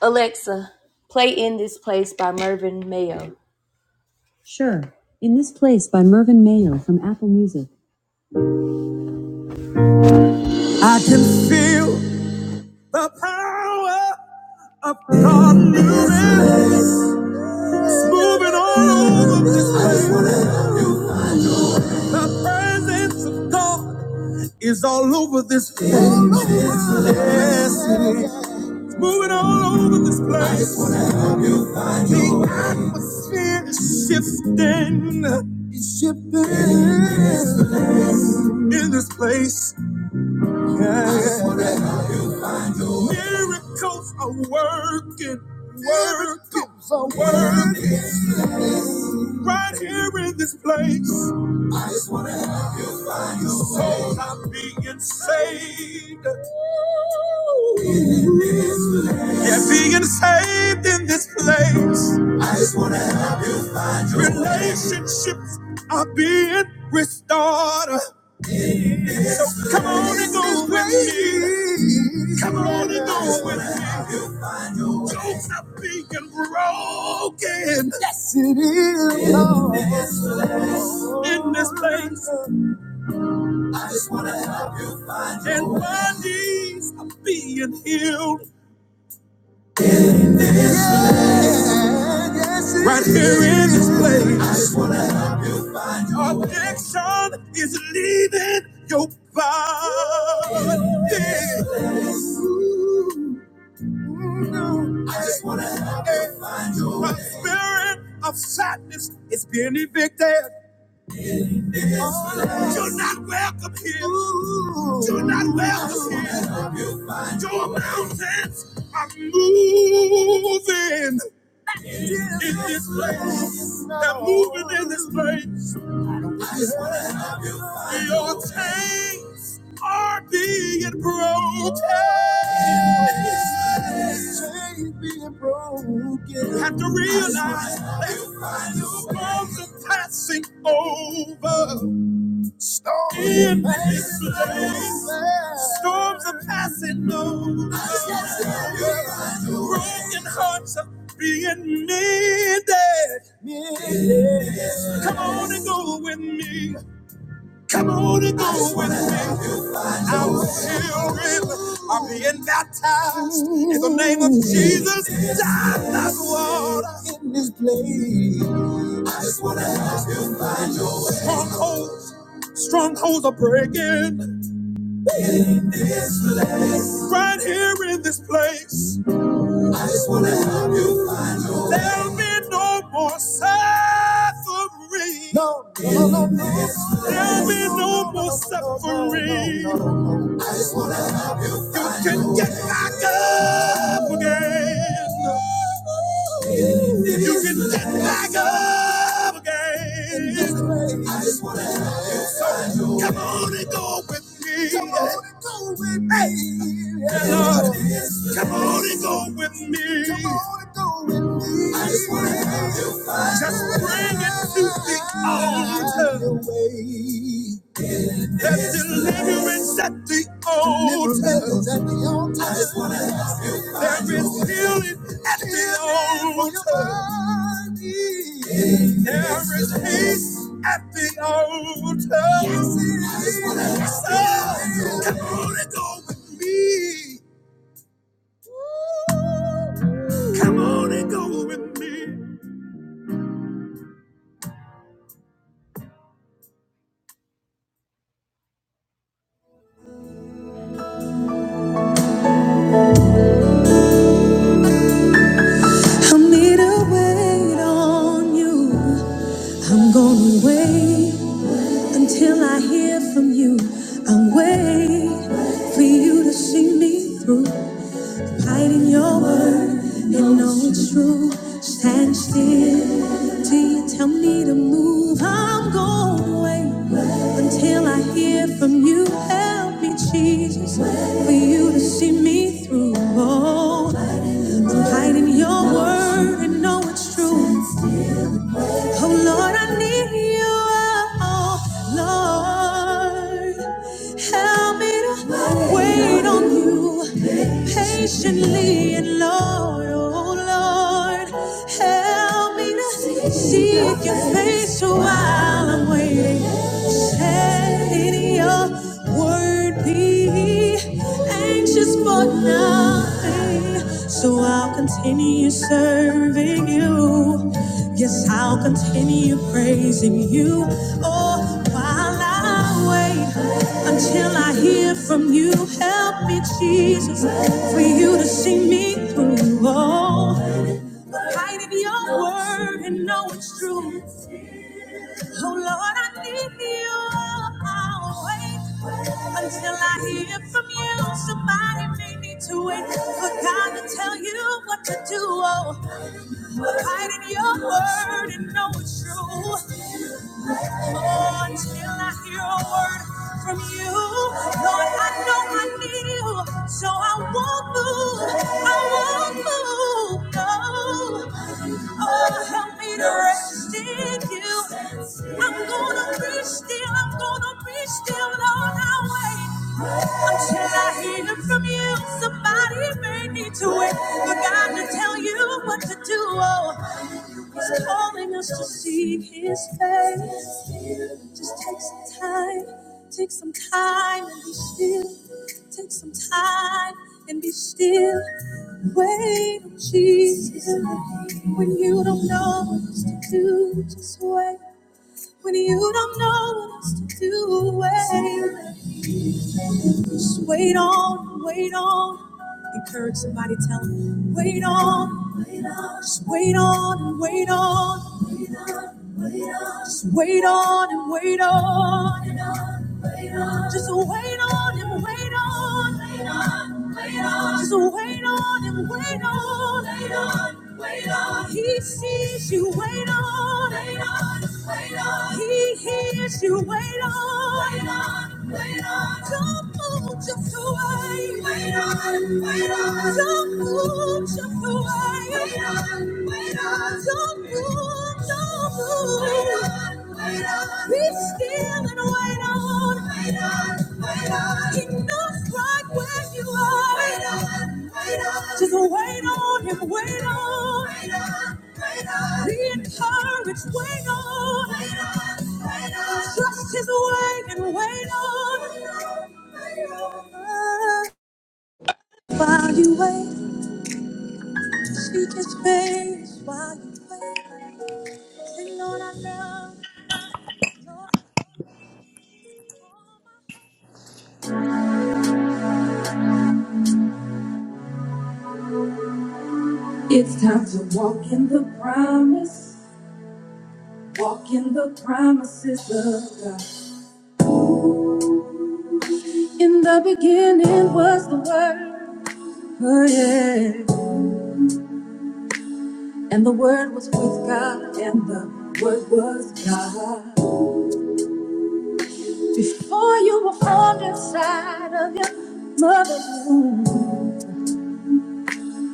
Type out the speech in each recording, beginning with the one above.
Alexa, play In This Place by Mervyn Mayo. Sure. In This Place by Mervyn Mayo from Apple Music. I can feel the power of God moving, it's moving all over this place. The presence of God is all over this place. Yes, it is. It's moving all over this place. The atmosphere is shifting. It's shifting in this place. Yeah. That's what I know. Miracles are working. Miracles are working right here in this place. I just want to help you find your soul. I'm being saved. In this place. Yeah, being saved in this place. I just want to help you find your way. Relationships are being restored. So come on and go with me. Come on and go with me. Don't stop being broken. Yes, it is. Lord. In this place, I just wanna help you find your way. and bodies are being healed. Right here in this place. I just wanna help you find your way. Addiction is leaving your body. This place. I just wanna help you find your way. The spirit of sadness is being evicted. This place. You're not welcome here. You're not welcome here. Your mountains are moving in this place. They're moving in this place. Your chains are being broken. You Have to realize that storms are passing over. Storms in this place. Storms are passing over. Broken hearts are being mended. Mended. Come on and go with me. Come on and go with me. Our children are being baptized in the name of Jesus. Dive that water in this place. I just want to help you find your way. Strongholds, strongholds are breaking. This place. Right here in this place. I just wanna help you find your way. There'll be no more suffering. No, there'll be no more suffering. You can get back up again. You can get back up again. So come on and go with me. Come on and go with me. Hey, come on and go with me. Come on and go with me. I just wanna help you find Just bring it to the altar. That deliverance at the altar. I just want to ask you. There is healing at the altar. There is peace at the altar. Yes, So, Come on and go with me. Come on and go with me. Wait on you, see me through. Hide in your word and know it's true. Stand still till you tell me to move. I'm going until I hear from you. Help me, Jesus, for you to see me through. Oh, hide in your word and know it's true. Oh Lord, I need you. Oh Lord, help me to wait on you patiently. And Lord, oh Lord, help me to seek your face while I'm waiting. Let your word be anxious for nothing. So I'll continue serving you. Yes, I'll continue praising you. Oh, while I wait until I hear from you. Help me, Jesus, for you to see me through. Oh, hide in your word and know it's true. Oh, Lord, I need you. I'll wait until I hear from you. Somebody may need to wait for God to tell you what to do. Oh, Hide in your word and know it's true. Oh, until I hear a word from you, Lord, I know I need you, so I won't move. I won't move. No. Oh, help me to rest in you. I'm gonna be still. I'm gonna be still, Lord. I wait until I hear from you. Somebody may need to wait for God to tell you what to do. Oh. He's calling us to seek His face. Just take some time, take some time and be still. Take some time and be still. Wait on Jesus. When you don't know what to do, just wait when you don't know what else to do. Wait, just wait on, wait on. Encourage somebody, tell them, wait on, wait on. Just wait on and wait on. Wait on, wait on. Just wait on and wait on. Wait on, wait on. Just wait on and wait on. Wait on, wait on. Just wait on and wait on. Wait on, wait on. He sees you. Wait on, wait on. He hears you. Wait on. Wait on. Wait on. Don't move just away. Wait on. Wait on. Don't move just away. Wait on. Wait on. Don't move. Don't move. Wait on. Wait on. Be still and wait on. Wait on. Wait on. He knows right where you are. Wait on. Wait on. Just Wait on him, wait on. Wait on, wait on. Be encouraged, wait on. Wait on, wait on. Trust his way and wait on. Wait on, wait on. While you wait, seek his face. While you wait, say, Lord, I love. Lord, I love. It's time to walk in the promise. Walk in the promises of God. In the beginning was the word. Oh, yeah. And the Word was with God, and the Word was God. Before you were formed inside of your mother's womb,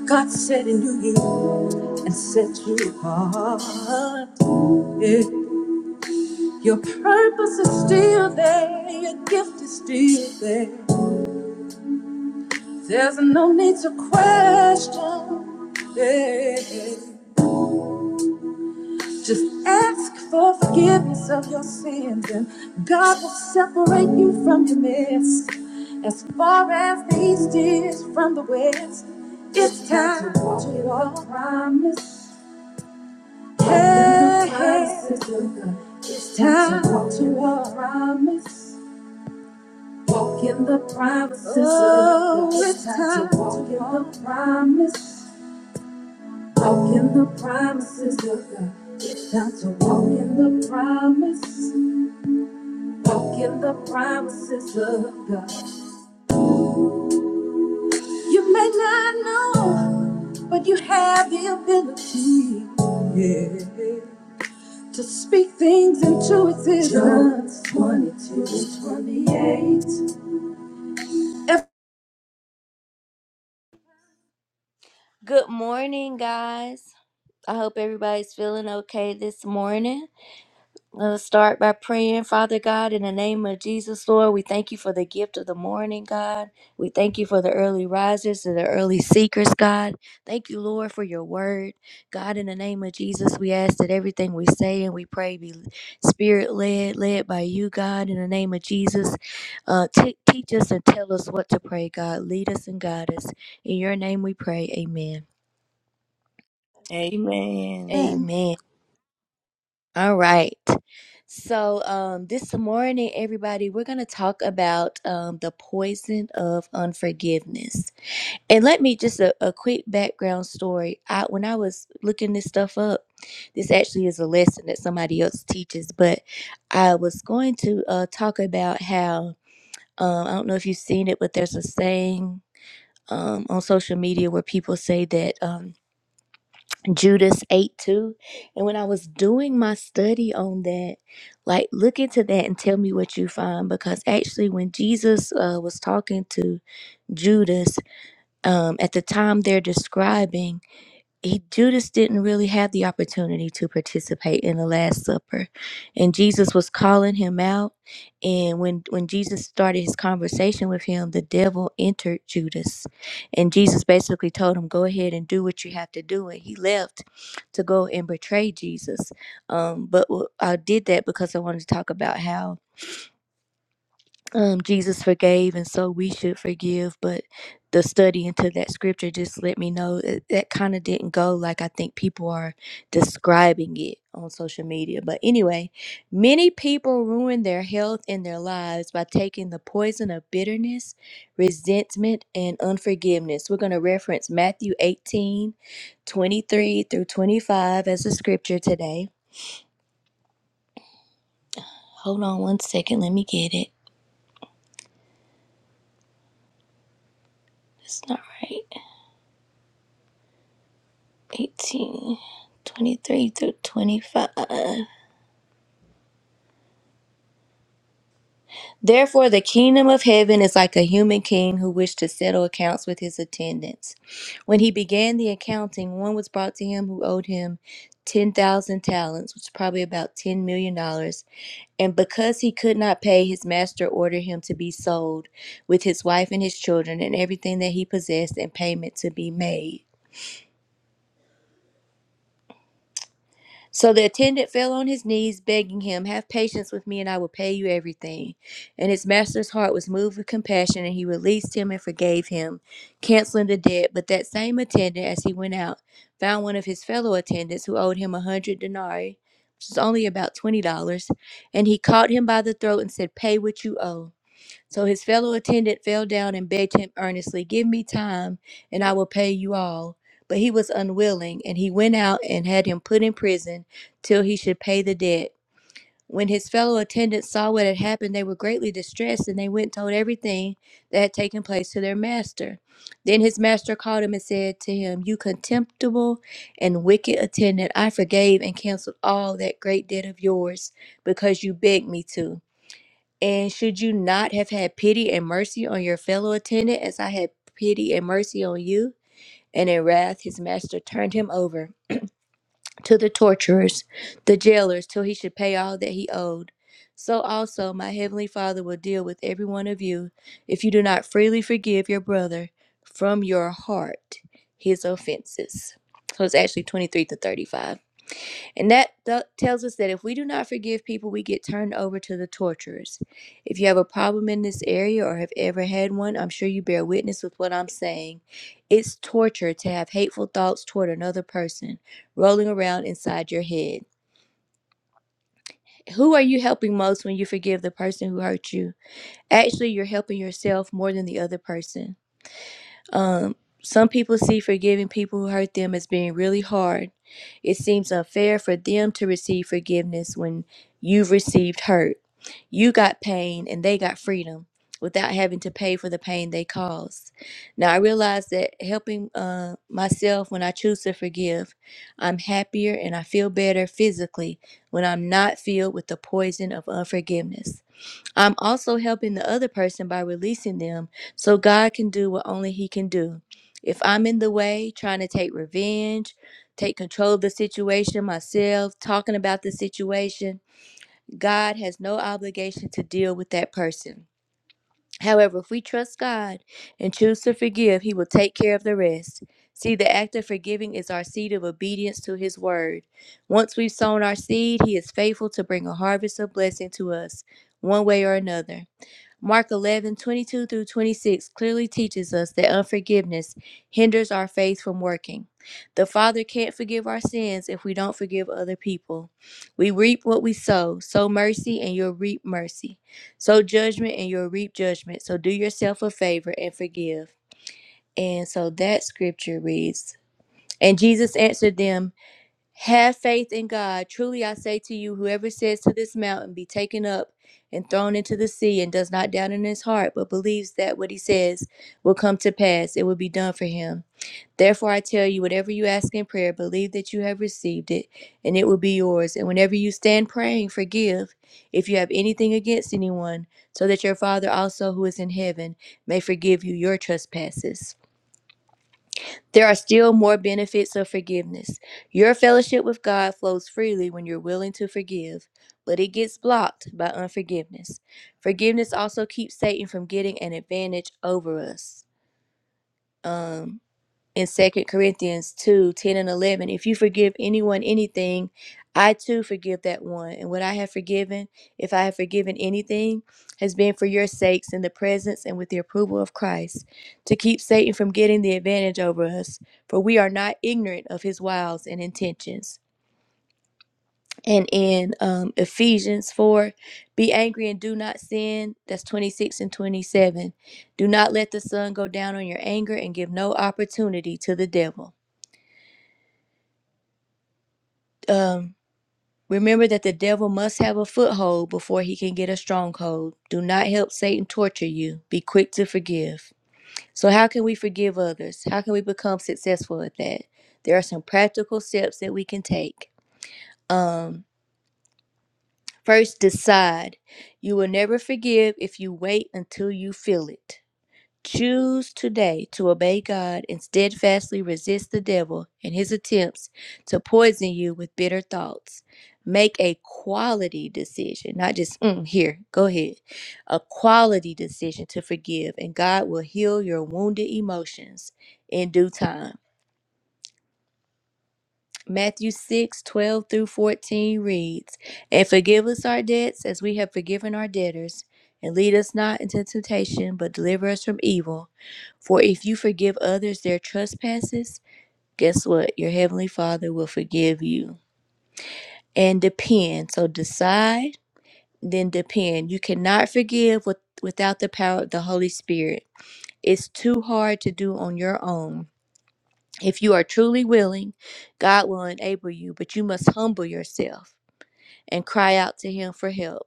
God said and knew you and set you apart. Yeah. Your purpose is still there, your gift is still there. There's no need to question. Yeah. Just ask for forgiveness of your sins, and God will separate you from your mess. As far as the east is from the west, it's time to walk. your Promise. Hey, hey. it's time to walk. your Promise. Walk in the promises of God. Oh, it's time to walk in the promise. Walk in the promises of God. Time to walk in the promise. Walk in the promises of God. You may not know, but you have the ability yeah, to speak things into existence. Job 22 and 28. If- Good morning, guys. I hope everybody's feeling okay this morning. Let's start by praying, Father God, in the name of Jesus, Lord. We thank you for the gift of the morning, God. We thank you for the early risers and the early seekers, God. Thank you, Lord, for your word. God, in the name of Jesus, we ask that everything we say and we pray be spirit led, led by you, God. In the name of Jesus, uh, t- teach us and tell us what to pray, God. Lead us and guide us. In your name we pray. Amen. Amen. Amen. Amen. All right. So, um, this morning, everybody, we're going to talk about um, the poison of unforgiveness. And let me just a, a quick background story. I, when I was looking this stuff up, this actually is a lesson that somebody else teaches, but I was going to uh, talk about how um, I don't know if you've seen it, but there's a saying um, on social media where people say that. Um, Judas 8 2. And when I was doing my study on that, like look into that and tell me what you find. Because actually, when Jesus uh, was talking to Judas, um, at the time they're describing, he Judas didn't really have the opportunity to participate in the last supper and Jesus was calling him out and when when Jesus started his conversation with him the devil entered Judas and Jesus basically told him go ahead and do what you have to do and he left to go and betray Jesus um but w- I did that because I wanted to talk about how um, Jesus forgave, and so we should forgive. But the study into that scripture just let me know that, that kind of didn't go like I think people are describing it on social media. But anyway, many people ruin their health and their lives by taking the poison of bitterness, resentment, and unforgiveness. We're going to reference Matthew 18, 23 through 25 as a scripture today. Hold on one second. Let me get it. It's not right. 18, 23 through 25. Therefore, the kingdom of heaven is like a human king who wished to settle accounts with his attendants. When he began the accounting, one was brought to him who owed him 10,000 talents, which is probably about $10 million. dollars. And because he could not pay, his master ordered him to be sold with his wife and his children and everything that he possessed and payment to be made. So the attendant fell on his knees, begging him, Have patience with me, and I will pay you everything. And his master's heart was moved with compassion, and he released him and forgave him, canceling the debt. But that same attendant, as he went out, found one of his fellow attendants who owed him a hundred denarii, which is only about twenty dollars, and he caught him by the throat and said, Pay what you owe. So his fellow attendant fell down and begged him earnestly, Give me time, and I will pay you all. But he was unwilling, and he went out and had him put in prison till he should pay the debt. When his fellow attendants saw what had happened, they were greatly distressed, and they went and told everything that had taken place to their master. Then his master called him and said to him, You contemptible and wicked attendant, I forgave and canceled all that great debt of yours because you begged me to. And should you not have had pity and mercy on your fellow attendant as I had pity and mercy on you? And in wrath his master turned him over to the torturers, the jailers, till he should pay all that he owed. So also my heavenly Father will deal with every one of you if you do not freely forgive your brother from your heart his offenses. So it's actually 23 to 35. And that th- tells us that if we do not forgive people, we get turned over to the torturers. If you have a problem in this area or have ever had one, I'm sure you bear witness with what I'm saying. It's torture to have hateful thoughts toward another person rolling around inside your head. Who are you helping most when you forgive the person who hurt you? Actually, you're helping yourself more than the other person. Um, some people see forgiving people who hurt them as being really hard It seems unfair for them to receive forgiveness when you've received hurt. You got pain and they got freedom without having to pay for the pain they caused. Now, I realize that helping uh, myself when I choose to forgive, I'm happier and I feel better physically when I'm not filled with the poison of unforgiveness. I'm also helping the other person by releasing them so God can do what only He can do. If I'm in the way, trying to take revenge, take control of the situation myself, talking about the situation, God has no obligation to deal with that person. However, if we trust God and choose to forgive, He will take care of the rest. See, the act of forgiving is our seed of obedience to His word. Once we've sown our seed, He is faithful to bring a harvest of blessing to us, one way or another. Mark 11 22 through 26 clearly teaches us that unforgiveness hinders our faith from working. The Father can't forgive our sins if we don't forgive other people. We reap what we sow. Sow mercy and you'll reap mercy. Sow judgment and you'll reap judgment. So do yourself a favor and forgive. And so that scripture reads And Jesus answered them, have faith in God. Truly I say to you, whoever says to this mountain, be taken up and thrown into the sea, and does not doubt in his heart, but believes that what he says will come to pass, it will be done for him. Therefore I tell you, whatever you ask in prayer, believe that you have received it, and it will be yours. And whenever you stand praying, forgive if you have anything against anyone, so that your Father also who is in heaven may forgive you your trespasses. There are still more benefits of forgiveness. Your fellowship with God flows freely when you're willing to forgive, but it gets blocked by unforgiveness. Forgiveness also keeps Satan from getting an advantage over us. Um, in Second Corinthians 2 10 and 11. If you forgive anyone anything, I too forgive that one. And what I have forgiven, if I have forgiven anything, has been for your sakes in the presence and with the approval of Christ, to keep Satan from getting the advantage over us, for we are not ignorant of his wiles and intentions. And in um, Ephesians 4, be angry and do not sin. That's 26 and 27. Do not let the sun go down on your anger and give no opportunity to the devil. um, remember that the devil must have a foothold before he can get a stronghold. Do not help Satan torture you. Be quick to forgive. So, how can we forgive others? How can we become successful at that? There are some practical steps that we can take. Um, first, decide. You will never forgive if you wait until you feel it. Choose today to obey God and steadfastly resist the devil and his attempts to poison you with bitter thoughts. Make a quality decision, not just "Mm, here, go ahead. A quality decision to forgive, and God will heal your wounded emotions in due time. Matthew 6 12 through 14 reads, And forgive us our debts as we have forgiven our debtors, and lead us not into temptation, but deliver us from evil. For if you forgive others their trespasses, guess what? Your heavenly Father will forgive you. And depend. So decide, then depend. You cannot forgive with, without the power of the Holy Spirit. It's too hard to do on your own. If you are truly willing, God will enable you, but you must humble yourself and cry out to Him for help.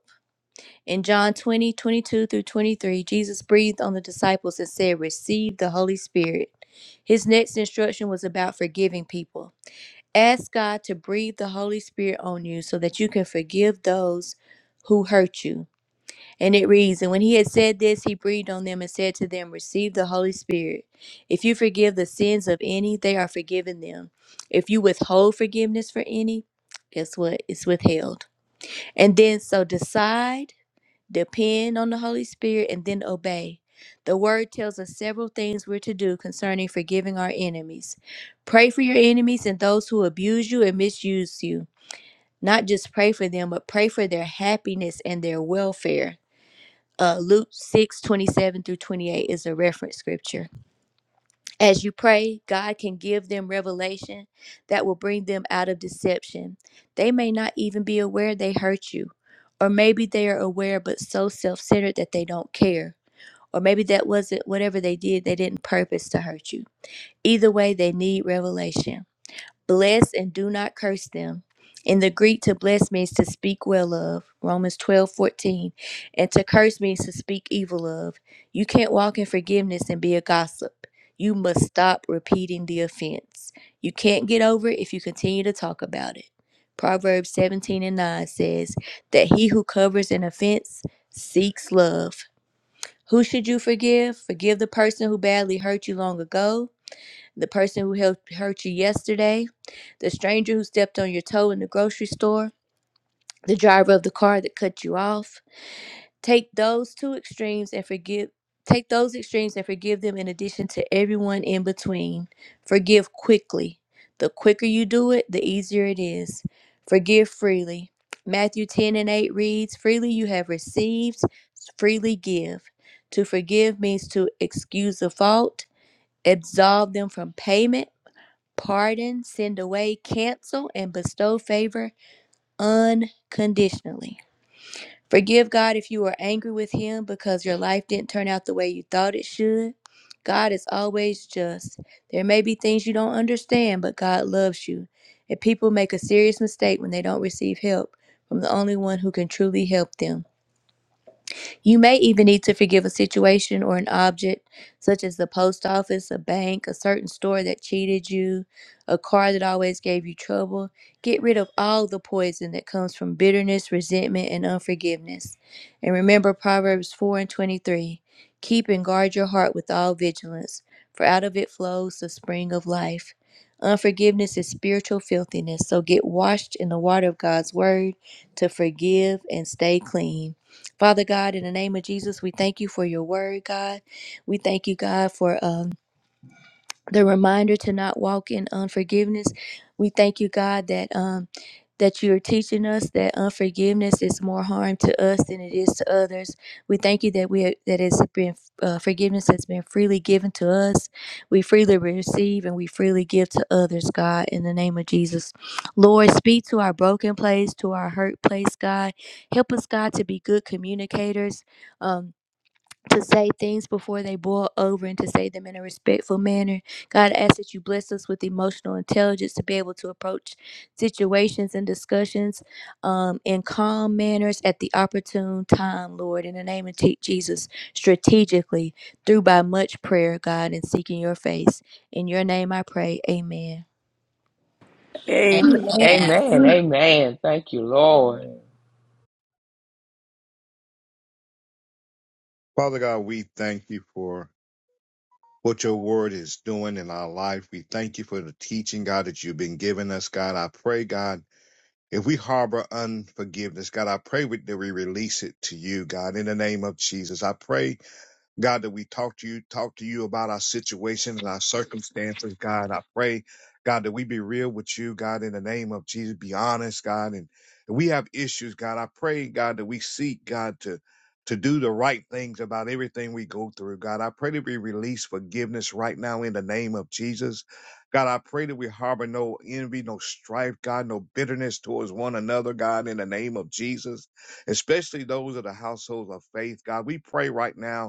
In John 20 22 through 23, Jesus breathed on the disciples and said, Receive the Holy Spirit. His next instruction was about forgiving people. Ask God to breathe the Holy Spirit on you so that you can forgive those who hurt you. And it reads, And when he had said this, he breathed on them and said to them, Receive the Holy Spirit. If you forgive the sins of any, they are forgiven them. If you withhold forgiveness for any, guess what? It's withheld. And then so decide depend on the Holy Spirit, and then obey. The word tells us several things we're to do concerning forgiving our enemies. Pray for your enemies and those who abuse you and misuse you. Not just pray for them, but pray for their happiness and their welfare. Uh, Luke 6 27 through 28 is a reference scripture. As you pray, God can give them revelation that will bring them out of deception. They may not even be aware they hurt you, or maybe they are aware but so self centered that they don't care. Or maybe that wasn't whatever they did, they didn't purpose to hurt you. Either way, they need revelation. Bless and do not curse them. In the Greek, to bless means to speak well of, Romans 12 14, and to curse means to speak evil of. You can't walk in forgiveness and be a gossip. You must stop repeating the offense. You can't get over it if you continue to talk about it. Proverbs 17 and 9 says that he who covers an offense seeks love, who should you forgive? Forgive the person who badly hurt you long ago, the person who helped hurt you yesterday, the stranger who stepped on your toe in the grocery store, the driver of the car that cut you off, Take those two extremes and forgive take those extremes and forgive them in addition to everyone in between. Forgive quickly. The quicker you do it, the easier it is. Forgive freely. Matthew 10 and 8 reads, Freely you have received, freely give. To forgive means to excuse a fault, absolve them from payment, pardon, send away, cancel, and bestow favor unconditionally. Forgive God if you were angry with Him because your life didn't turn out the way you thought it should. God is always just. There may be things you don't understand, but God loves you. And people make a serious mistake when they don't receive help from the only one who can truly help them. You may even need to forgive a situation or an object, such as the post office, a bank, a certain store that cheated you, a car that always gave you trouble. Get rid of all the poison that comes from bitterness, resentment, and unforgiveness. And remember Proverbs 4 and 23 Keep and guard your heart with all vigilance, for out of it flows the spring of life. Unforgiveness is spiritual filthiness, so get washed in the water of God's word to forgive and stay clean. Father God, in the name of Jesus, we thank you for your word, God. We thank you, God, for um, the reminder to not walk in unforgiveness. We thank you, God, that. Um, that you're teaching us that unforgiveness is more harm to us than it is to others. We thank you that we are, that it's been uh, forgiveness has been freely given to us. We freely receive and we freely give to others, God, in the name of Jesus. Lord, speak to our broken place, to our hurt place, God. Help us, God, to be good communicators. Um, to say things before they boil over and to say them in a respectful manner. God, I ask that you bless us with emotional intelligence to be able to approach situations and discussions um, in calm manners at the opportune time, Lord. In the name of Te- Jesus, strategically, through by much prayer, God, and seeking your face. In your name I pray. Amen. Amen. Amen. Amen. Amen. Thank you, Lord. Amen. Father God, we thank you for what your word is doing in our life. We thank you for the teaching, God, that you've been giving us, God. I pray, God, if we harbor unforgiveness, God, I pray that we release it to you, God, in the name of Jesus. I pray God, that we talk to you, talk to you about our situation and our circumstances, God. I pray, God, that we be real with you, God, in the name of Jesus. Be honest, God. And if we have issues, God. I pray, God, that we seek, God, to to do the right things about everything we go through. God, I pray that we release forgiveness right now in the name of Jesus. God, I pray that we harbor no envy, no strife, God, no bitterness towards one another, God, in the name of Jesus, especially those of the households of faith. God, we pray right now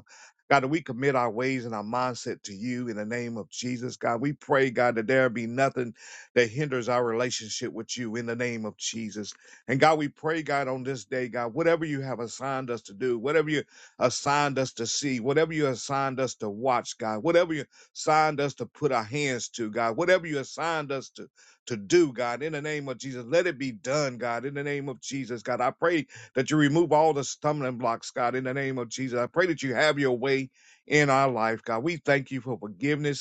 God, that we commit our ways and our mindset to you in the name of Jesus. God, we pray, God, that there be nothing that hinders our relationship with you in the name of Jesus. And God, we pray, God, on this day, God, whatever you have assigned us to do, whatever you assigned us to see, whatever you assigned us to watch, God, whatever you assigned us to put our hands to, God, whatever you assigned us to, to do, God, in the name of Jesus, let it be done, God, in the name of Jesus, God. I pray that you remove all the stumbling blocks, God, in the name of Jesus. I pray that you have your way in our life, God. We thank you for forgiveness.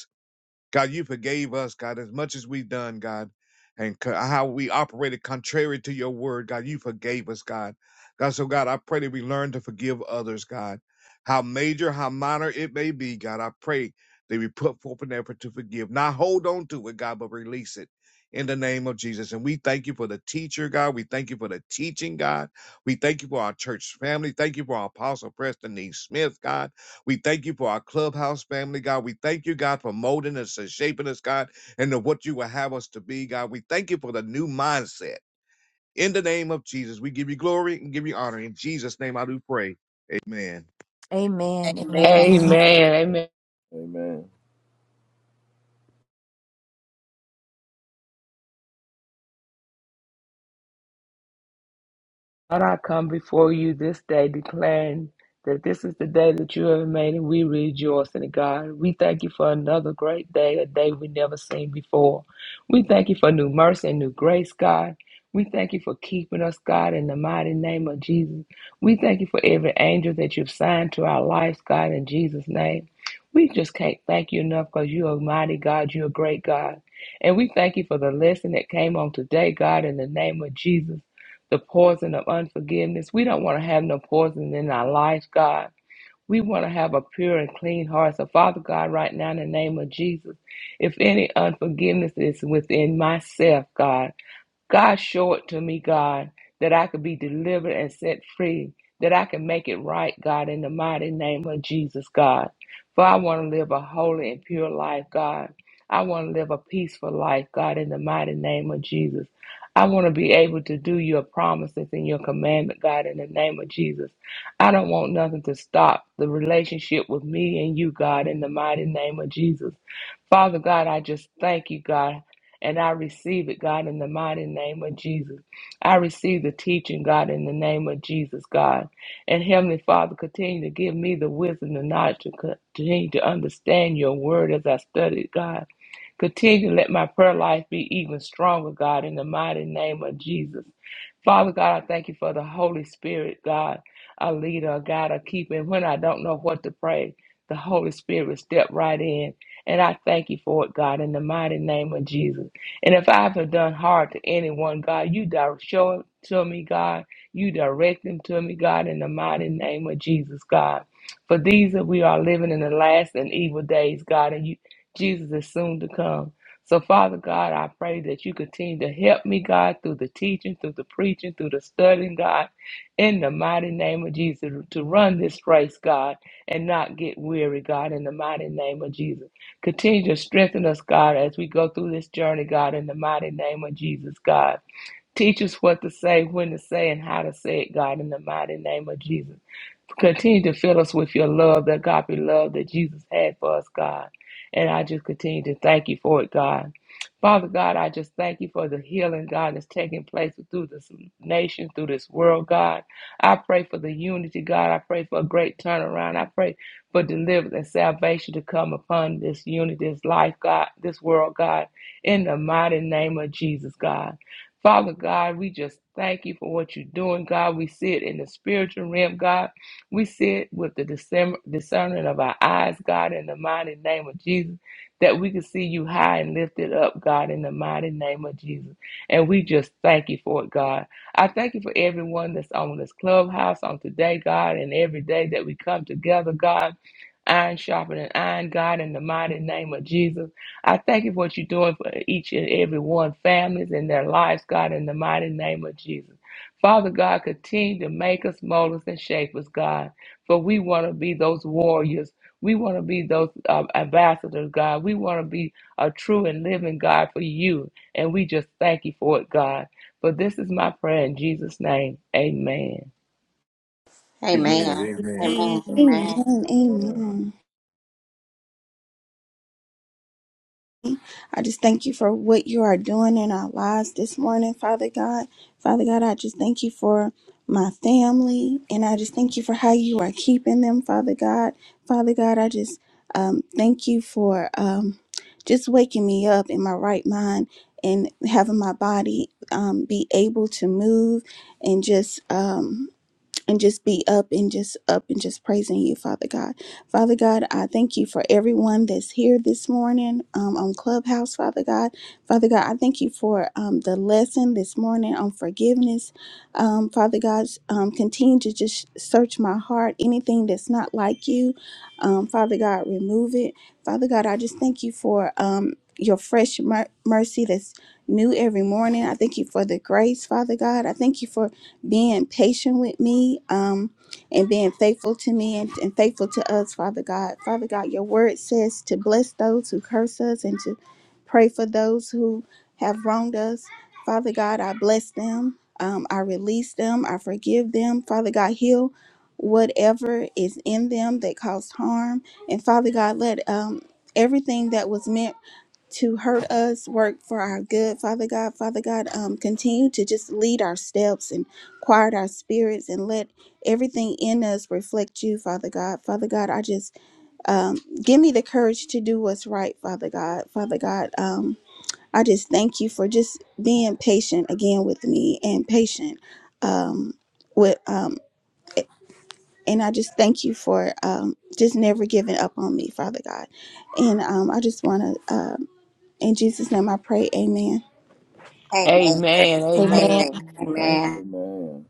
God, you forgave us, God, as much as we've done, God, and co- how we operated contrary to your word, God, you forgave us, God. God, so God, I pray that we learn to forgive others, God, how major, how minor it may be, God. I pray that we put forth an effort to forgive, not hold on to it, God, but release it in the name of Jesus. And we thank you for the teacher, God. We thank you for the teaching, God. We thank you for our church family. Thank you for our apostle, Preston E. Smith, God. We thank you for our clubhouse family, God. We thank you, God, for molding us and shaping us, God, into what you will have us to be, God. We thank you for the new mindset. In the name of Jesus, we give you glory and give you honor. In Jesus' name, I do pray. Amen. Amen. Amen. Amen. amen. Amen. Lord, I come before you this day declaring that this is the day that you have made and we rejoice in it, God. We thank you for another great day, a day we never seen before. We thank you for new mercy and new grace, God. We thank you for keeping us, God, in the mighty name of Jesus. We thank you for every angel that you've signed to our lives, God, in Jesus' name. We just can't thank you enough because you're a mighty God. You're a great God. And we thank you for the lesson that came on today, God, in the name of Jesus the poison of unforgiveness. We don't want to have no poison in our life, God. We want to have a pure and clean heart. So, Father God, right now in the name of Jesus, if any unforgiveness is within myself, God, God, show it to me, God, that I could be delivered and set free, that I can make it right, God, in the mighty name of Jesus, God. For I want to live a holy and pure life, God. I want to live a peaceful life, God, in the mighty name of Jesus. I want to be able to do your promises and your commandment, God, in the name of Jesus. I don't want nothing to stop the relationship with me and you, God, in the mighty name of Jesus. Father God, I just thank you, God, and I receive it, God, in the mighty name of Jesus. I receive the teaching, God, in the name of Jesus, God. And Heavenly Father, continue to give me the wisdom and knowledge to continue to understand your word as I study, it, God. Continue to let my prayer life be even stronger, God, in the mighty name of Jesus. Father God, I thank you for the Holy Spirit, God, a leader, a guide, a keeper. And when I don't know what to pray, the Holy Spirit will step right in and I thank you for it, God, in the mighty name of Jesus. And if I have done hard to anyone, God, you direct, show it to me, God. You direct them to me, God, in the mighty name of Jesus, God. For these that we are living in the last and evil days, God, and you, Jesus is soon to come. So, Father God, I pray that you continue to help me, God, through the teaching, through the preaching, through the studying, God, in the mighty name of Jesus, to run this race, God, and not get weary, God, in the mighty name of Jesus. Continue to strengthen us, God, as we go through this journey, God, in the mighty name of Jesus, God. Teach us what to say, when to say, and how to say it, God, in the mighty name of Jesus. Continue to fill us with your love, that God love that Jesus had for us, God. And I just continue to thank you for it, God. Father God, I just thank you for the healing, God, that's taking place through this nation, through this world, God. I pray for the unity, God. I pray for a great turnaround. I pray for deliverance and salvation to come upon this unity, this life, God, this world, God, in the mighty name of Jesus, God. Father God, we just thank you for what you're doing, God. We see it in the spiritual realm, God. We see it with the discern- discernment of our eyes, God, in the mighty name of Jesus, that we can see you high and lifted up, God, in the mighty name of Jesus. And we just thank you for it, God. I thank you for everyone that's on this clubhouse on today, God, and every day that we come together, God. Iron sharpening iron, God, in the mighty name of Jesus. I thank you for what you're doing for each and every one, families and their lives, God, in the mighty name of Jesus. Father God, continue to make us, mold us, and shape us, God. For we want to be those warriors. We want to be those um, ambassadors, God. We want to be a true and living God for you. And we just thank you for it, God. For this is my prayer in Jesus' name. Amen. Amen. Amen. Amen. Amen. Amen. Amen. Amen. Amen. Amen. I just thank you for what you are doing in our lives this morning, Father God. Father God, I just thank you for my family and I just thank you for how you are keeping them, Father God. Father God, I just um, thank you for um, just waking me up in my right mind and having my body um, be able to move and just. Um, and just be up and just up and just praising you, Father God. Father God, I thank you for everyone that's here this morning um, on Clubhouse, Father God. Father God, I thank you for um, the lesson this morning on forgiveness. Um, Father God, um, continue to just search my heart. Anything that's not like you, um, Father God, remove it. Father God, I just thank you for um, your fresh mer- mercy that's new every morning. I thank you for the grace, Father God. I thank you for being patient with me um, and being faithful to me and, and faithful to us, Father God. Father God, your word says to bless those who curse us and to pray for those who have wronged us. Father God, I bless them. Um, I release them. I forgive them. Father God, heal whatever is in them that caused harm. And Father God, let um, everything that was meant to hurt us, work for our good, Father God. Father God, um, continue to just lead our steps and quiet our spirits and let everything in us reflect you, Father God. Father God, I just um, give me the courage to do what's right, Father God. Father God, um, I just thank you for just being patient again with me and patient um, with. Um, and I just thank you for um, just never giving up on me, Father God. And um, I just want to, um in Jesus' name, I pray, Amen. Amen. Amen. Amen. Amen. Amen. Thank. Amen. Amen.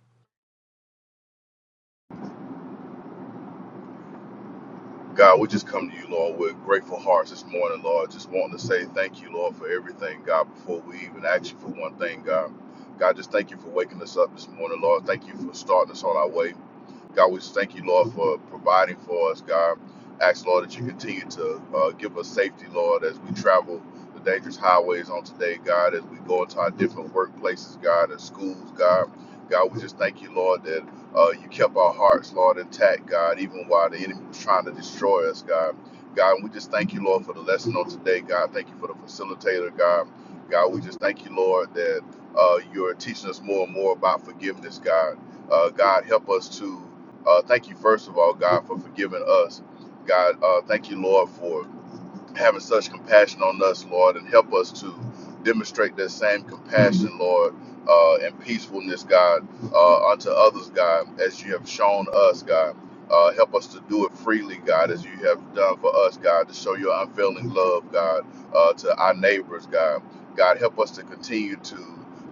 God, we just come to you, Lord, with grateful hearts this morning, Lord. Just wanting to say thank you, Lord, for everything, God, before we even ask you for one thing, God. God, just thank you for waking us up this morning, Lord. Thank you for starting us on our way. God, we just thank you, Lord, for providing for us, God. Ask, Lord, that you continue to uh, give us safety, Lord, as we travel the dangerous highways on today, God, as we go into our different workplaces, God, and schools, God. God, we just thank you, Lord, that uh, you kept our hearts, Lord, intact, God, even while the enemy was trying to destroy us, God. God, we just thank you, Lord, for the lesson on today, God. Thank you for the facilitator, God. God, we just thank you, Lord, that uh, you're teaching us more and more about forgiveness, God. Uh, God, help us to uh, thank you, first of all, God, for forgiving us. God, uh, thank you, Lord, for having such compassion on us, Lord, and help us to demonstrate that same compassion, Lord, uh, and peacefulness, God, uh, unto others, God, as you have shown us, God. Uh, help us to do it freely, God, as you have done for us, God, to show your unfailing love, God, uh, to our neighbors, God. God, help us to continue to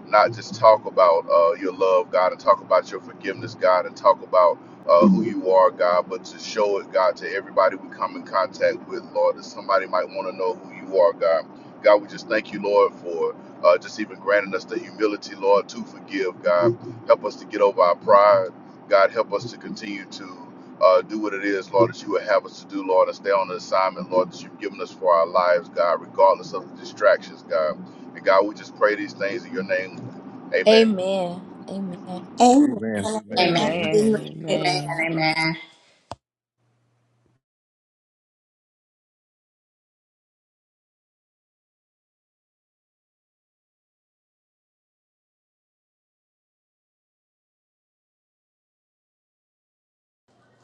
not just talk about uh, your love, God, and talk about your forgiveness, God, and talk about uh, who you are, God, but to show it, God, to everybody we come in contact with, Lord, that somebody might want to know who you are, God. God, we just thank you, Lord, for uh, just even granting us the humility, Lord, to forgive, God. Help us to get over our pride. God, help us to continue to uh, do what it is, Lord, that you would have us to do, Lord, and stay on the assignment, Lord, that you've given us for our lives, God, regardless of the distractions, God. And God, we just pray these things in your name. Amen. Amen. Amen. A- Amen. Amen. Amen. Amen. Amen. Amen. Amen. Amen.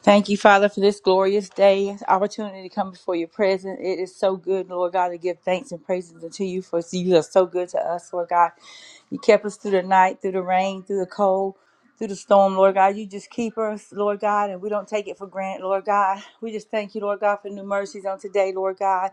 Thank you, Father, for this glorious day, opportunity to come before your presence. It is so good, Lord God, to give thanks and praises unto you, for you are so good to us, Lord God. You kept us through the night, through the rain, through the cold, through the storm, Lord God. You just keep us, Lord God, and we don't take it for granted, Lord God. We just thank you, Lord God, for new mercies on today, Lord God.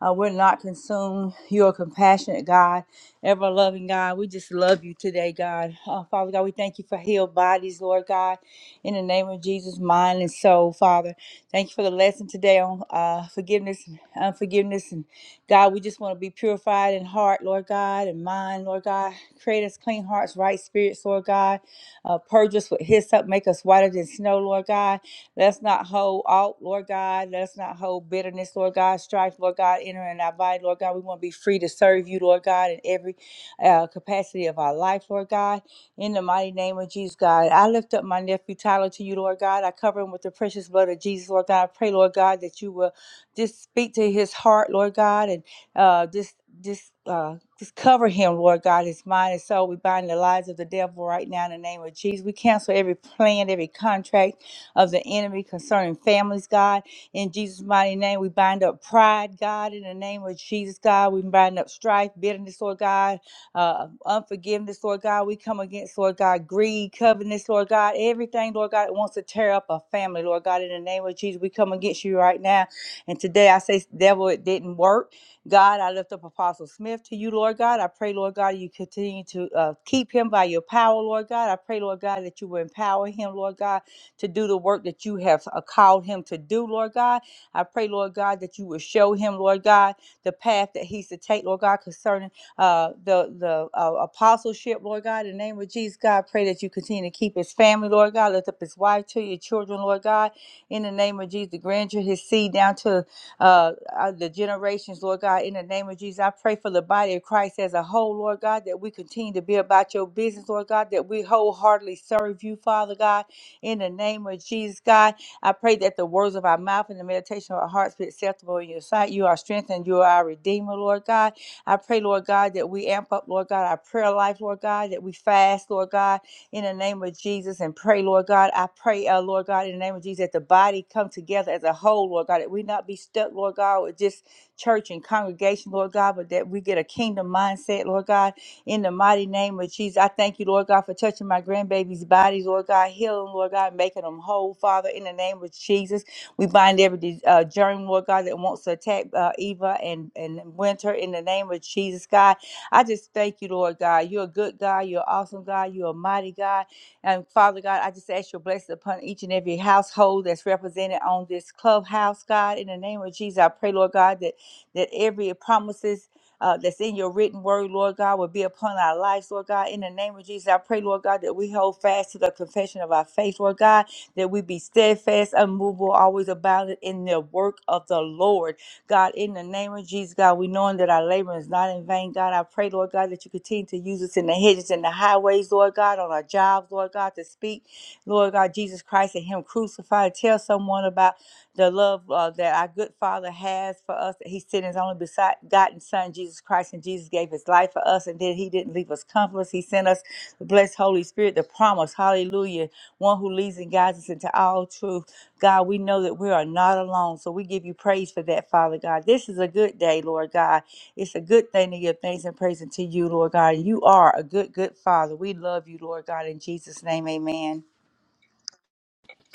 Uh, we're not consumed. You're a compassionate God, ever loving God. We just love you today, God. Uh, Father God, we thank you for healed bodies, Lord God in the name of Jesus, mind and soul, Father. Thank you for the lesson today on uh, forgiveness and unforgiveness. And God, we just want to be purified in heart, Lord God, and mind, Lord God. Create us clean hearts, right spirits, Lord God. Uh, purge us with hyssop, make us whiter than snow, Lord God. Let us not hold out, Lord God. Let us not hold bitterness, Lord God. Strife, Lord God, enter in our body, Lord God. We want to be free to serve you, Lord God, in every uh, capacity of our life, Lord God. In the mighty name of Jesus, God, I lift up my nephew Tyler to you, Lord God. I cover him with the precious blood of Jesus, Lord God. I pray, Lord God, that you will just speak to his heart, Lord God, and uh, just just uh, just cover him, Lord God, his mind and soul. We bind the lies of the devil right now in the name of Jesus. We cancel every plan, every contract of the enemy concerning families, God. In Jesus' mighty name, we bind up pride, God. In the name of Jesus, God, we bind up strife, bitterness, Lord God uh, unforgiveness, Lord God. We come against, Lord God, greed, covetousness, Lord God, everything, Lord God, that wants to tear up a family, Lord God. In the name of Jesus, we come against you right now. And today I say, devil, it didn't work. God, I lift up Apostle Smith to you, Lord God. I pray, Lord God, you continue to uh, keep him by your power, Lord God. I pray, Lord God, that you will empower him, Lord God, to do the work that you have uh, called him to do, Lord God. I pray, Lord God, that you will show him, Lord God, the path that he's to take, Lord God, concerning uh, the the uh, apostleship, Lord God, in the name of Jesus, God, I pray that you continue to keep his family, Lord God. Lift up his wife to your children, Lord God, in the name of Jesus, the grandeur, his seed down to uh, uh, the generations, Lord God, in the name of Jesus. I pray for the body of Christ as a whole, Lord God, that we continue to be about your business, Lord God, that we wholeheartedly serve you, Father God, in the name of Jesus, God. I pray that the words of our mouth and the meditation of our hearts be acceptable in your sight. You are strength and you are our Redeemer, Lord God. I pray, Lord God, that we amp up, Lord God, our prayer life, Lord God, that we fast, Lord God, in the name of Jesus and pray, Lord God. I pray, uh, Lord God, in the name of Jesus, that the body come together as a whole, Lord God, that we not be stuck, Lord God, with just church and congregation, Lord God, but that we get a kingdom mindset, Lord God, in the mighty name of Jesus. I thank you, Lord God, for touching my grandbabies' bodies, Lord God, healing, Lord God, making them whole, Father, in the name of Jesus. We bind every uh, germ, Lord God, that wants to attack uh, Eva and, and Winter in the name of Jesus, God. I just thank you, Lord God. You're a good God. You're an awesome God. You're a mighty God. And Father God, I just ask your blessing upon each and every household that's represented on this clubhouse, God. In the name of Jesus, I pray, Lord God, that, that every promises uh, that's in your written word, Lord God, will be upon our lives, Lord God. In the name of Jesus, I pray, Lord God, that we hold fast to the confession of our faith, Lord God that we be steadfast, unmovable, always abounded in the work of the Lord. God, in the name of Jesus, God, we knowing that our labor is not in vain. God, I pray, Lord God, that you continue to use us in the hedges and the highways, Lord God, on our jobs, Lord God, to speak, Lord God, Jesus Christ and Him crucified. Tell someone about the love uh, that our good Father has for us, that He sent His only begotten Son, Jesus Christ, and Jesus gave His life for us. And then he didn't leave us comfortless. He sent us the blessed Holy Spirit, the promise, hallelujah, one who leads and guides us into all truth. God, we know that we are not alone, so we give you praise for that, Father God. This is a good day, Lord God. It's a good thing to give thanks and praise unto you, Lord God. you are a good, good Father. We love you, Lord God. In Jesus' name, amen.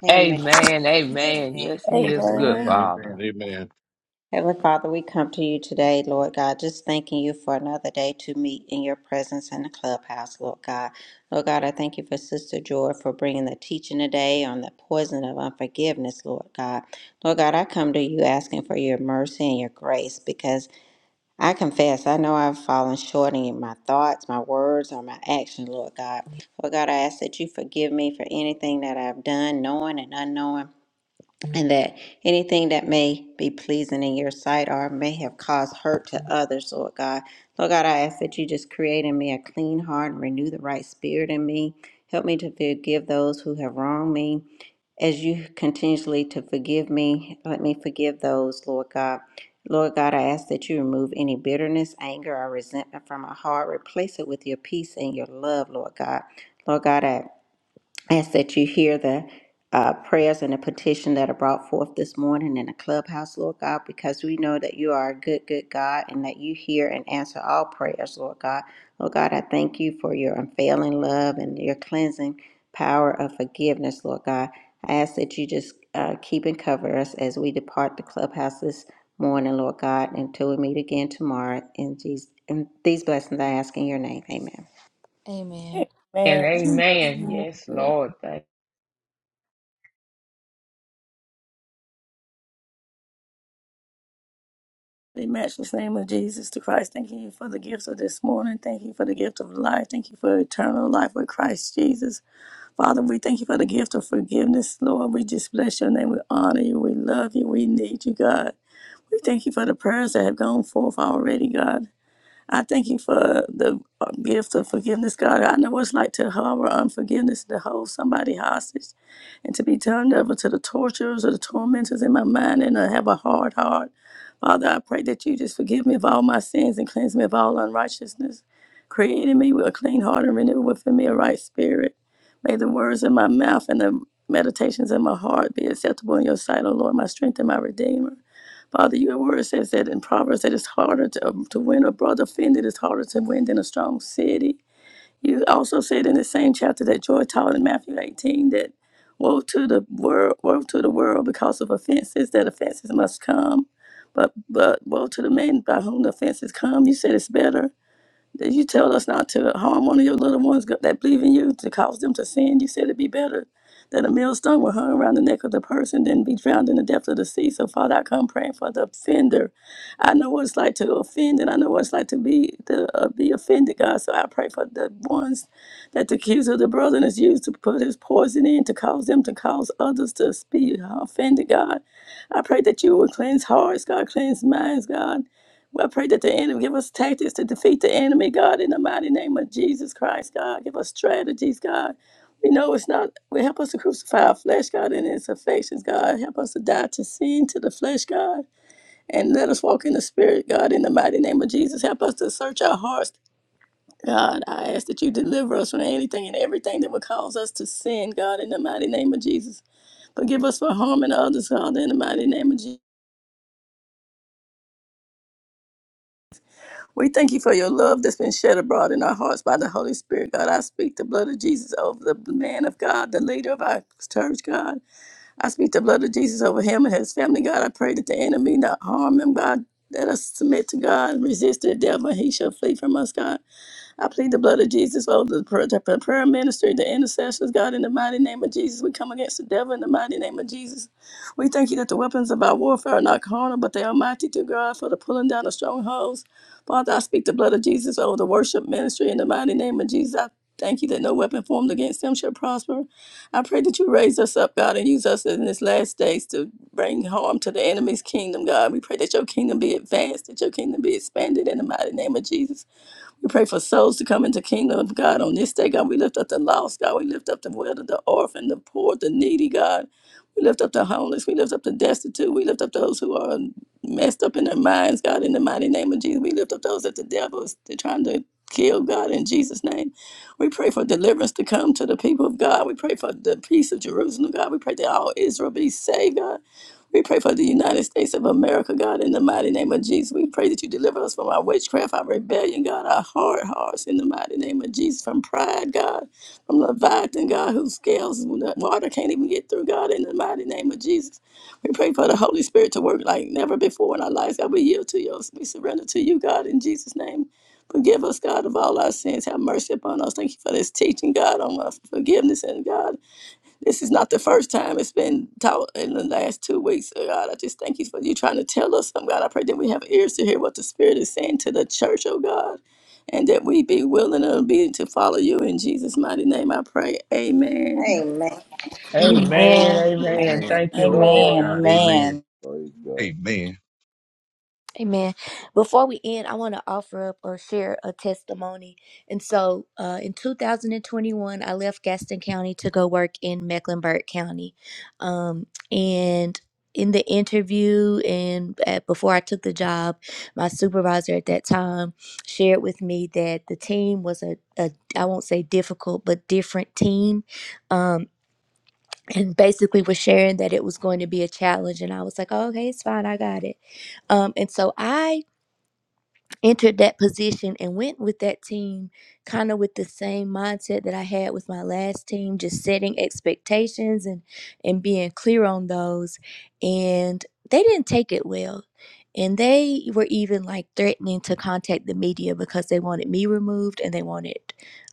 Amen. Amen. Amen. Yes, He is a good Amen. Amen. Amen. Father. Amen. Heavenly Father, we come to you today, Lord God, just thanking you for another day to meet in your presence in the clubhouse, Lord God. Lord God, I thank you for Sister Joy for bringing the teaching today on the poison of unforgiveness, Lord God. Lord God, I come to you asking for your mercy and your grace because I confess, I know I've fallen short in my thoughts, my words, or my action, Lord God. Lord God, I ask that you forgive me for anything that I've done, knowing and unknowing, and that anything that may be pleasing in your sight or may have caused hurt to others, Lord God. Lord God, I ask that you just create in me a clean heart and renew the right spirit in me. Help me to forgive those who have wronged me as you continuously to forgive me, let me forgive those, Lord God. Lord God, I ask that you remove any bitterness, anger, or resentment from my heart. Replace it with your peace and your love, Lord God. Lord God, I. I ask that you hear the uh, prayers and the petition that are brought forth this morning in the clubhouse, Lord God, because we know that you are a good, good God and that you hear and answer all prayers, Lord God. Lord God, I thank you for your unfailing love and your cleansing power of forgiveness, Lord God. I ask that you just uh, keep and cover us as we depart the clubhouse this morning, Lord God, until we meet again tomorrow. In Jesus, and these blessings I ask in your name. Amen. Amen. And Amen. amen. Yes, Amen. Lord. Thank. We match The name of Jesus to Christ. Thank you for the gifts of this morning. Thank you for the gift of life. Thank you for eternal life with Christ Jesus. Father, we thank you for the gift of forgiveness, Lord. We just bless your name. We honor you. We love you. We need you, God. We thank you for the prayers that have gone forth already, God. I thank you for the uh, gift of forgiveness, God. I know what it's like to harbor unforgiveness, to hold somebody hostage, and to be turned over to the torturers or the tormentors in my mind and to have a hard heart. Father, I pray that you just forgive me of all my sins and cleanse me of all unrighteousness. Create in me with a clean heart and renew within me a right spirit. May the words of my mouth and the meditations of my heart be acceptable in your sight, O Lord, my strength and my redeemer. Father, your word says that in Proverbs that it's harder to, um, to win a brother offended, it's harder to win than a strong city. You also said in the same chapter that Joy taught in Matthew 18 that woe to the world, woe to the world because of offenses, that offenses must come. But but woe to the man by whom the offenses come. You said it's better did you tell us not to harm one of your little ones that believe in you, to cause them to sin? You said it'd be better that a millstone were hung around the neck of the person than be drowned in the depth of the sea. So, Father, I come praying for the offender. I know what it's like to offend, and I know what it's like to be to uh, be offended, God. So I pray for the ones that the accuser of the brethren has used to put his poison in to cause them to cause others to be offended, God. I pray that you will cleanse hearts, God, cleanse minds, God. We pray that the enemy give us tactics to defeat the enemy, God, in the mighty name of Jesus Christ, God. Give us strategies, God. We know it's not, we help us to crucify our flesh, God, and its affections, God. Help us to die to sin, to the flesh, God, and let us walk in the spirit, God, in the mighty name of Jesus. Help us to search our hearts, God. I ask that you deliver us from anything and everything that would cause us to sin, God, in the mighty name of Jesus. Forgive us for harming others, God, in the mighty name of Jesus. We thank you for your love that's been shed abroad in our hearts by the Holy Spirit, God. I speak the blood of Jesus over the man of God, the leader of our church, God. I speak the blood of Jesus over him and his family, God. I pray that the enemy not harm him, God. Let us submit to God, resist the devil, and he shall flee from us, God. I plead the blood of Jesus over the prayer, the prayer prayer ministry, the intercessors. God, in the mighty name of Jesus, we come against the devil in the mighty name of Jesus. We thank you that the weapons of our warfare are not carnal, but they are mighty to God for the pulling down of strongholds. Father, I speak the blood of Jesus over the worship ministry in the mighty name of Jesus. I Thank you that no weapon formed against them shall prosper. I pray that you raise us up, God, and use us in this last days to bring harm to the enemy's kingdom, God. We pray that your kingdom be advanced, that your kingdom be expanded in the mighty name of Jesus. We pray for souls to come into the kingdom of God on this day, God. We lift up the lost, God. We lift up the widow, the orphan, the poor, the needy, God. We lift up the homeless. We lift up the destitute. We lift up those who are messed up in their minds, God, in the mighty name of Jesus. We lift up those that the devil is trying to kill, God, in Jesus' name. We pray for deliverance to come to the people of God. We pray for the peace of Jerusalem, God. We pray that all Israel be saved, God. We pray for the United States of America, God, in the mighty name of Jesus. We pray that you deliver us from our witchcraft, our rebellion, God, our hard hearts, in the mighty name of Jesus, from pride, God, from Leviathan, God, whose scales water can't even get through, God, in the mighty name of Jesus. We pray for the Holy Spirit to work like never before in our lives, God. We yield to you. We surrender to you, God, in Jesus' name. Forgive us, God, of all our sins. Have mercy upon us. Thank you for this teaching, God, on us. forgiveness and God. This is not the first time it's been taught in the last two weeks. Oh God, I just thank you for you trying to tell us something, God. I pray that we have ears to hear what the Spirit is saying to the church, oh God, and that we be willing and obedient to follow you. In Jesus' mighty name, I pray. Amen. Amen. Amen. Amen. Amen. Amen. Thank you, Glory be to Lord. Amen. God. Amen. Amen. Praise God. Amen. Amen. Before we end, I want to offer up or share a testimony. And so uh, in 2021, I left Gaston County to go work in Mecklenburg County. Um, and in the interview and at, before I took the job, my supervisor at that time shared with me that the team was a, a I won't say difficult, but different team. Um, and basically was sharing that it was going to be a challenge. And I was like, oh, okay, it's fine. I got it. Um, and so I entered that position and went with that team kind of with the same mindset that I had with my last team just setting expectations and and being clear on those and they didn't take it well and they were even like threatening to contact the media because they wanted me removed and they wanted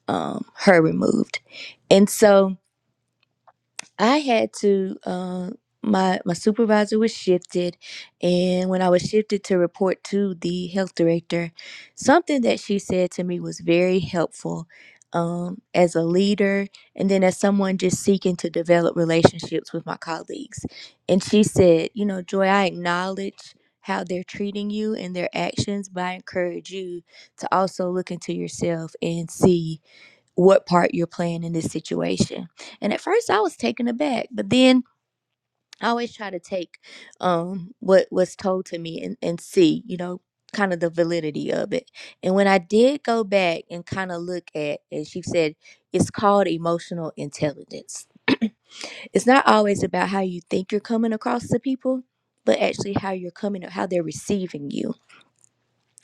um, her removed and so I had to um my my supervisor was shifted and when I was shifted to report to the health director, something that she said to me was very helpful um as a leader and then as someone just seeking to develop relationships with my colleagues. And she said, you know, Joy, I acknowledge how they're treating you and their actions, but I encourage you to also look into yourself and see what part you're playing in this situation. And at first I was taken aback, but then I always try to take um what was told to me and, and see, you know, kind of the validity of it. And when I did go back and kind of look at as she said it's called emotional intelligence. it's not always about how you think you're coming across to people, but actually how you're coming how they're receiving you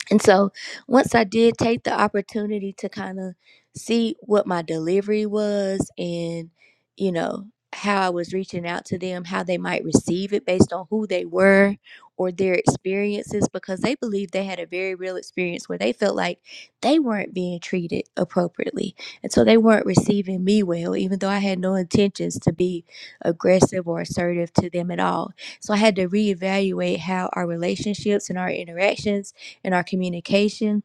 and so once I did take the opportunity to kind of see what my delivery was and, you know, how I was reaching out to them, how they might receive it based on who they were or their experiences, because they believed they had a very real experience where they felt like they weren't being treated appropriately. And so they weren't receiving me well, even though I had no intentions to be aggressive or assertive to them at all. So I had to reevaluate how our relationships and our interactions in our communication.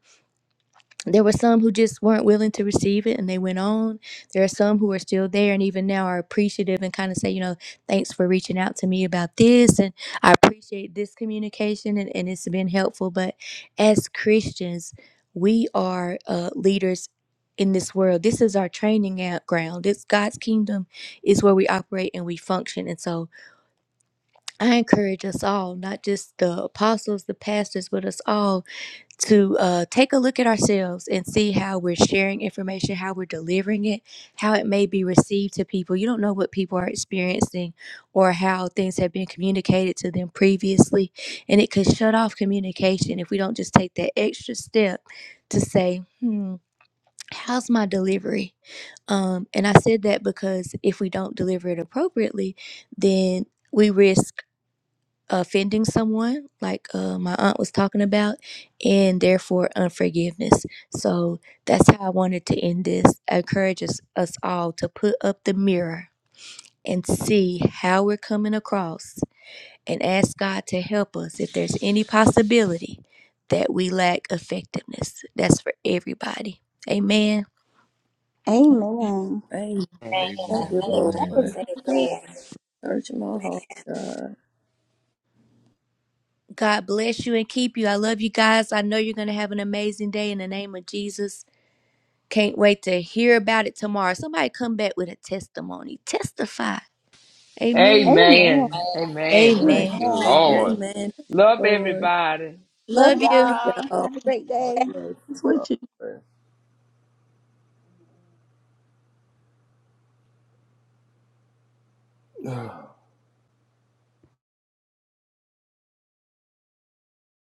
There were some who just weren't willing to receive it and they went on. There are some who are still there and even now are appreciative and kind of say, you know, thanks for reaching out to me about this and I appreciate this communication and, and it's been helpful. But as Christians, we are uh, leaders in this world. This is our training out ground. It's God's kingdom is where we operate and we function. And so I encourage us all, not just the apostles, the pastors, but us all to uh, take a look at ourselves and see how we're sharing information, how we're delivering it, how it may be received to people. You don't know what people are experiencing or how things have been communicated to them previously. And it could shut off communication if we don't just take that extra step to say, hmm, how's my delivery? Um, and I said that because if we don't deliver it appropriately, then. We risk offending someone, like uh, my aunt was talking about, and therefore unforgiveness. So that's how I wanted to end this. Encourages us all to put up the mirror and see how we're coming across and ask God to help us if there's any possibility that we lack effectiveness. That's for everybody. Amen. Amen. Amen. Thank Amen. you, That was Amen. Lord. so good. Search my heart, God. God bless you and keep you. I love you guys. I know you're going to have an amazing day in the name of Jesus. Can't wait to hear about it tomorrow. Somebody come back with a testimony. Testify. Amen. Amen. Amen. Amen. Amen. Thank Amen. you, Amen. Lord. Amen. Love Lord. everybody. Love Love you. Love y'all. y'all. Have a great God day. bless. It's God with you. bless.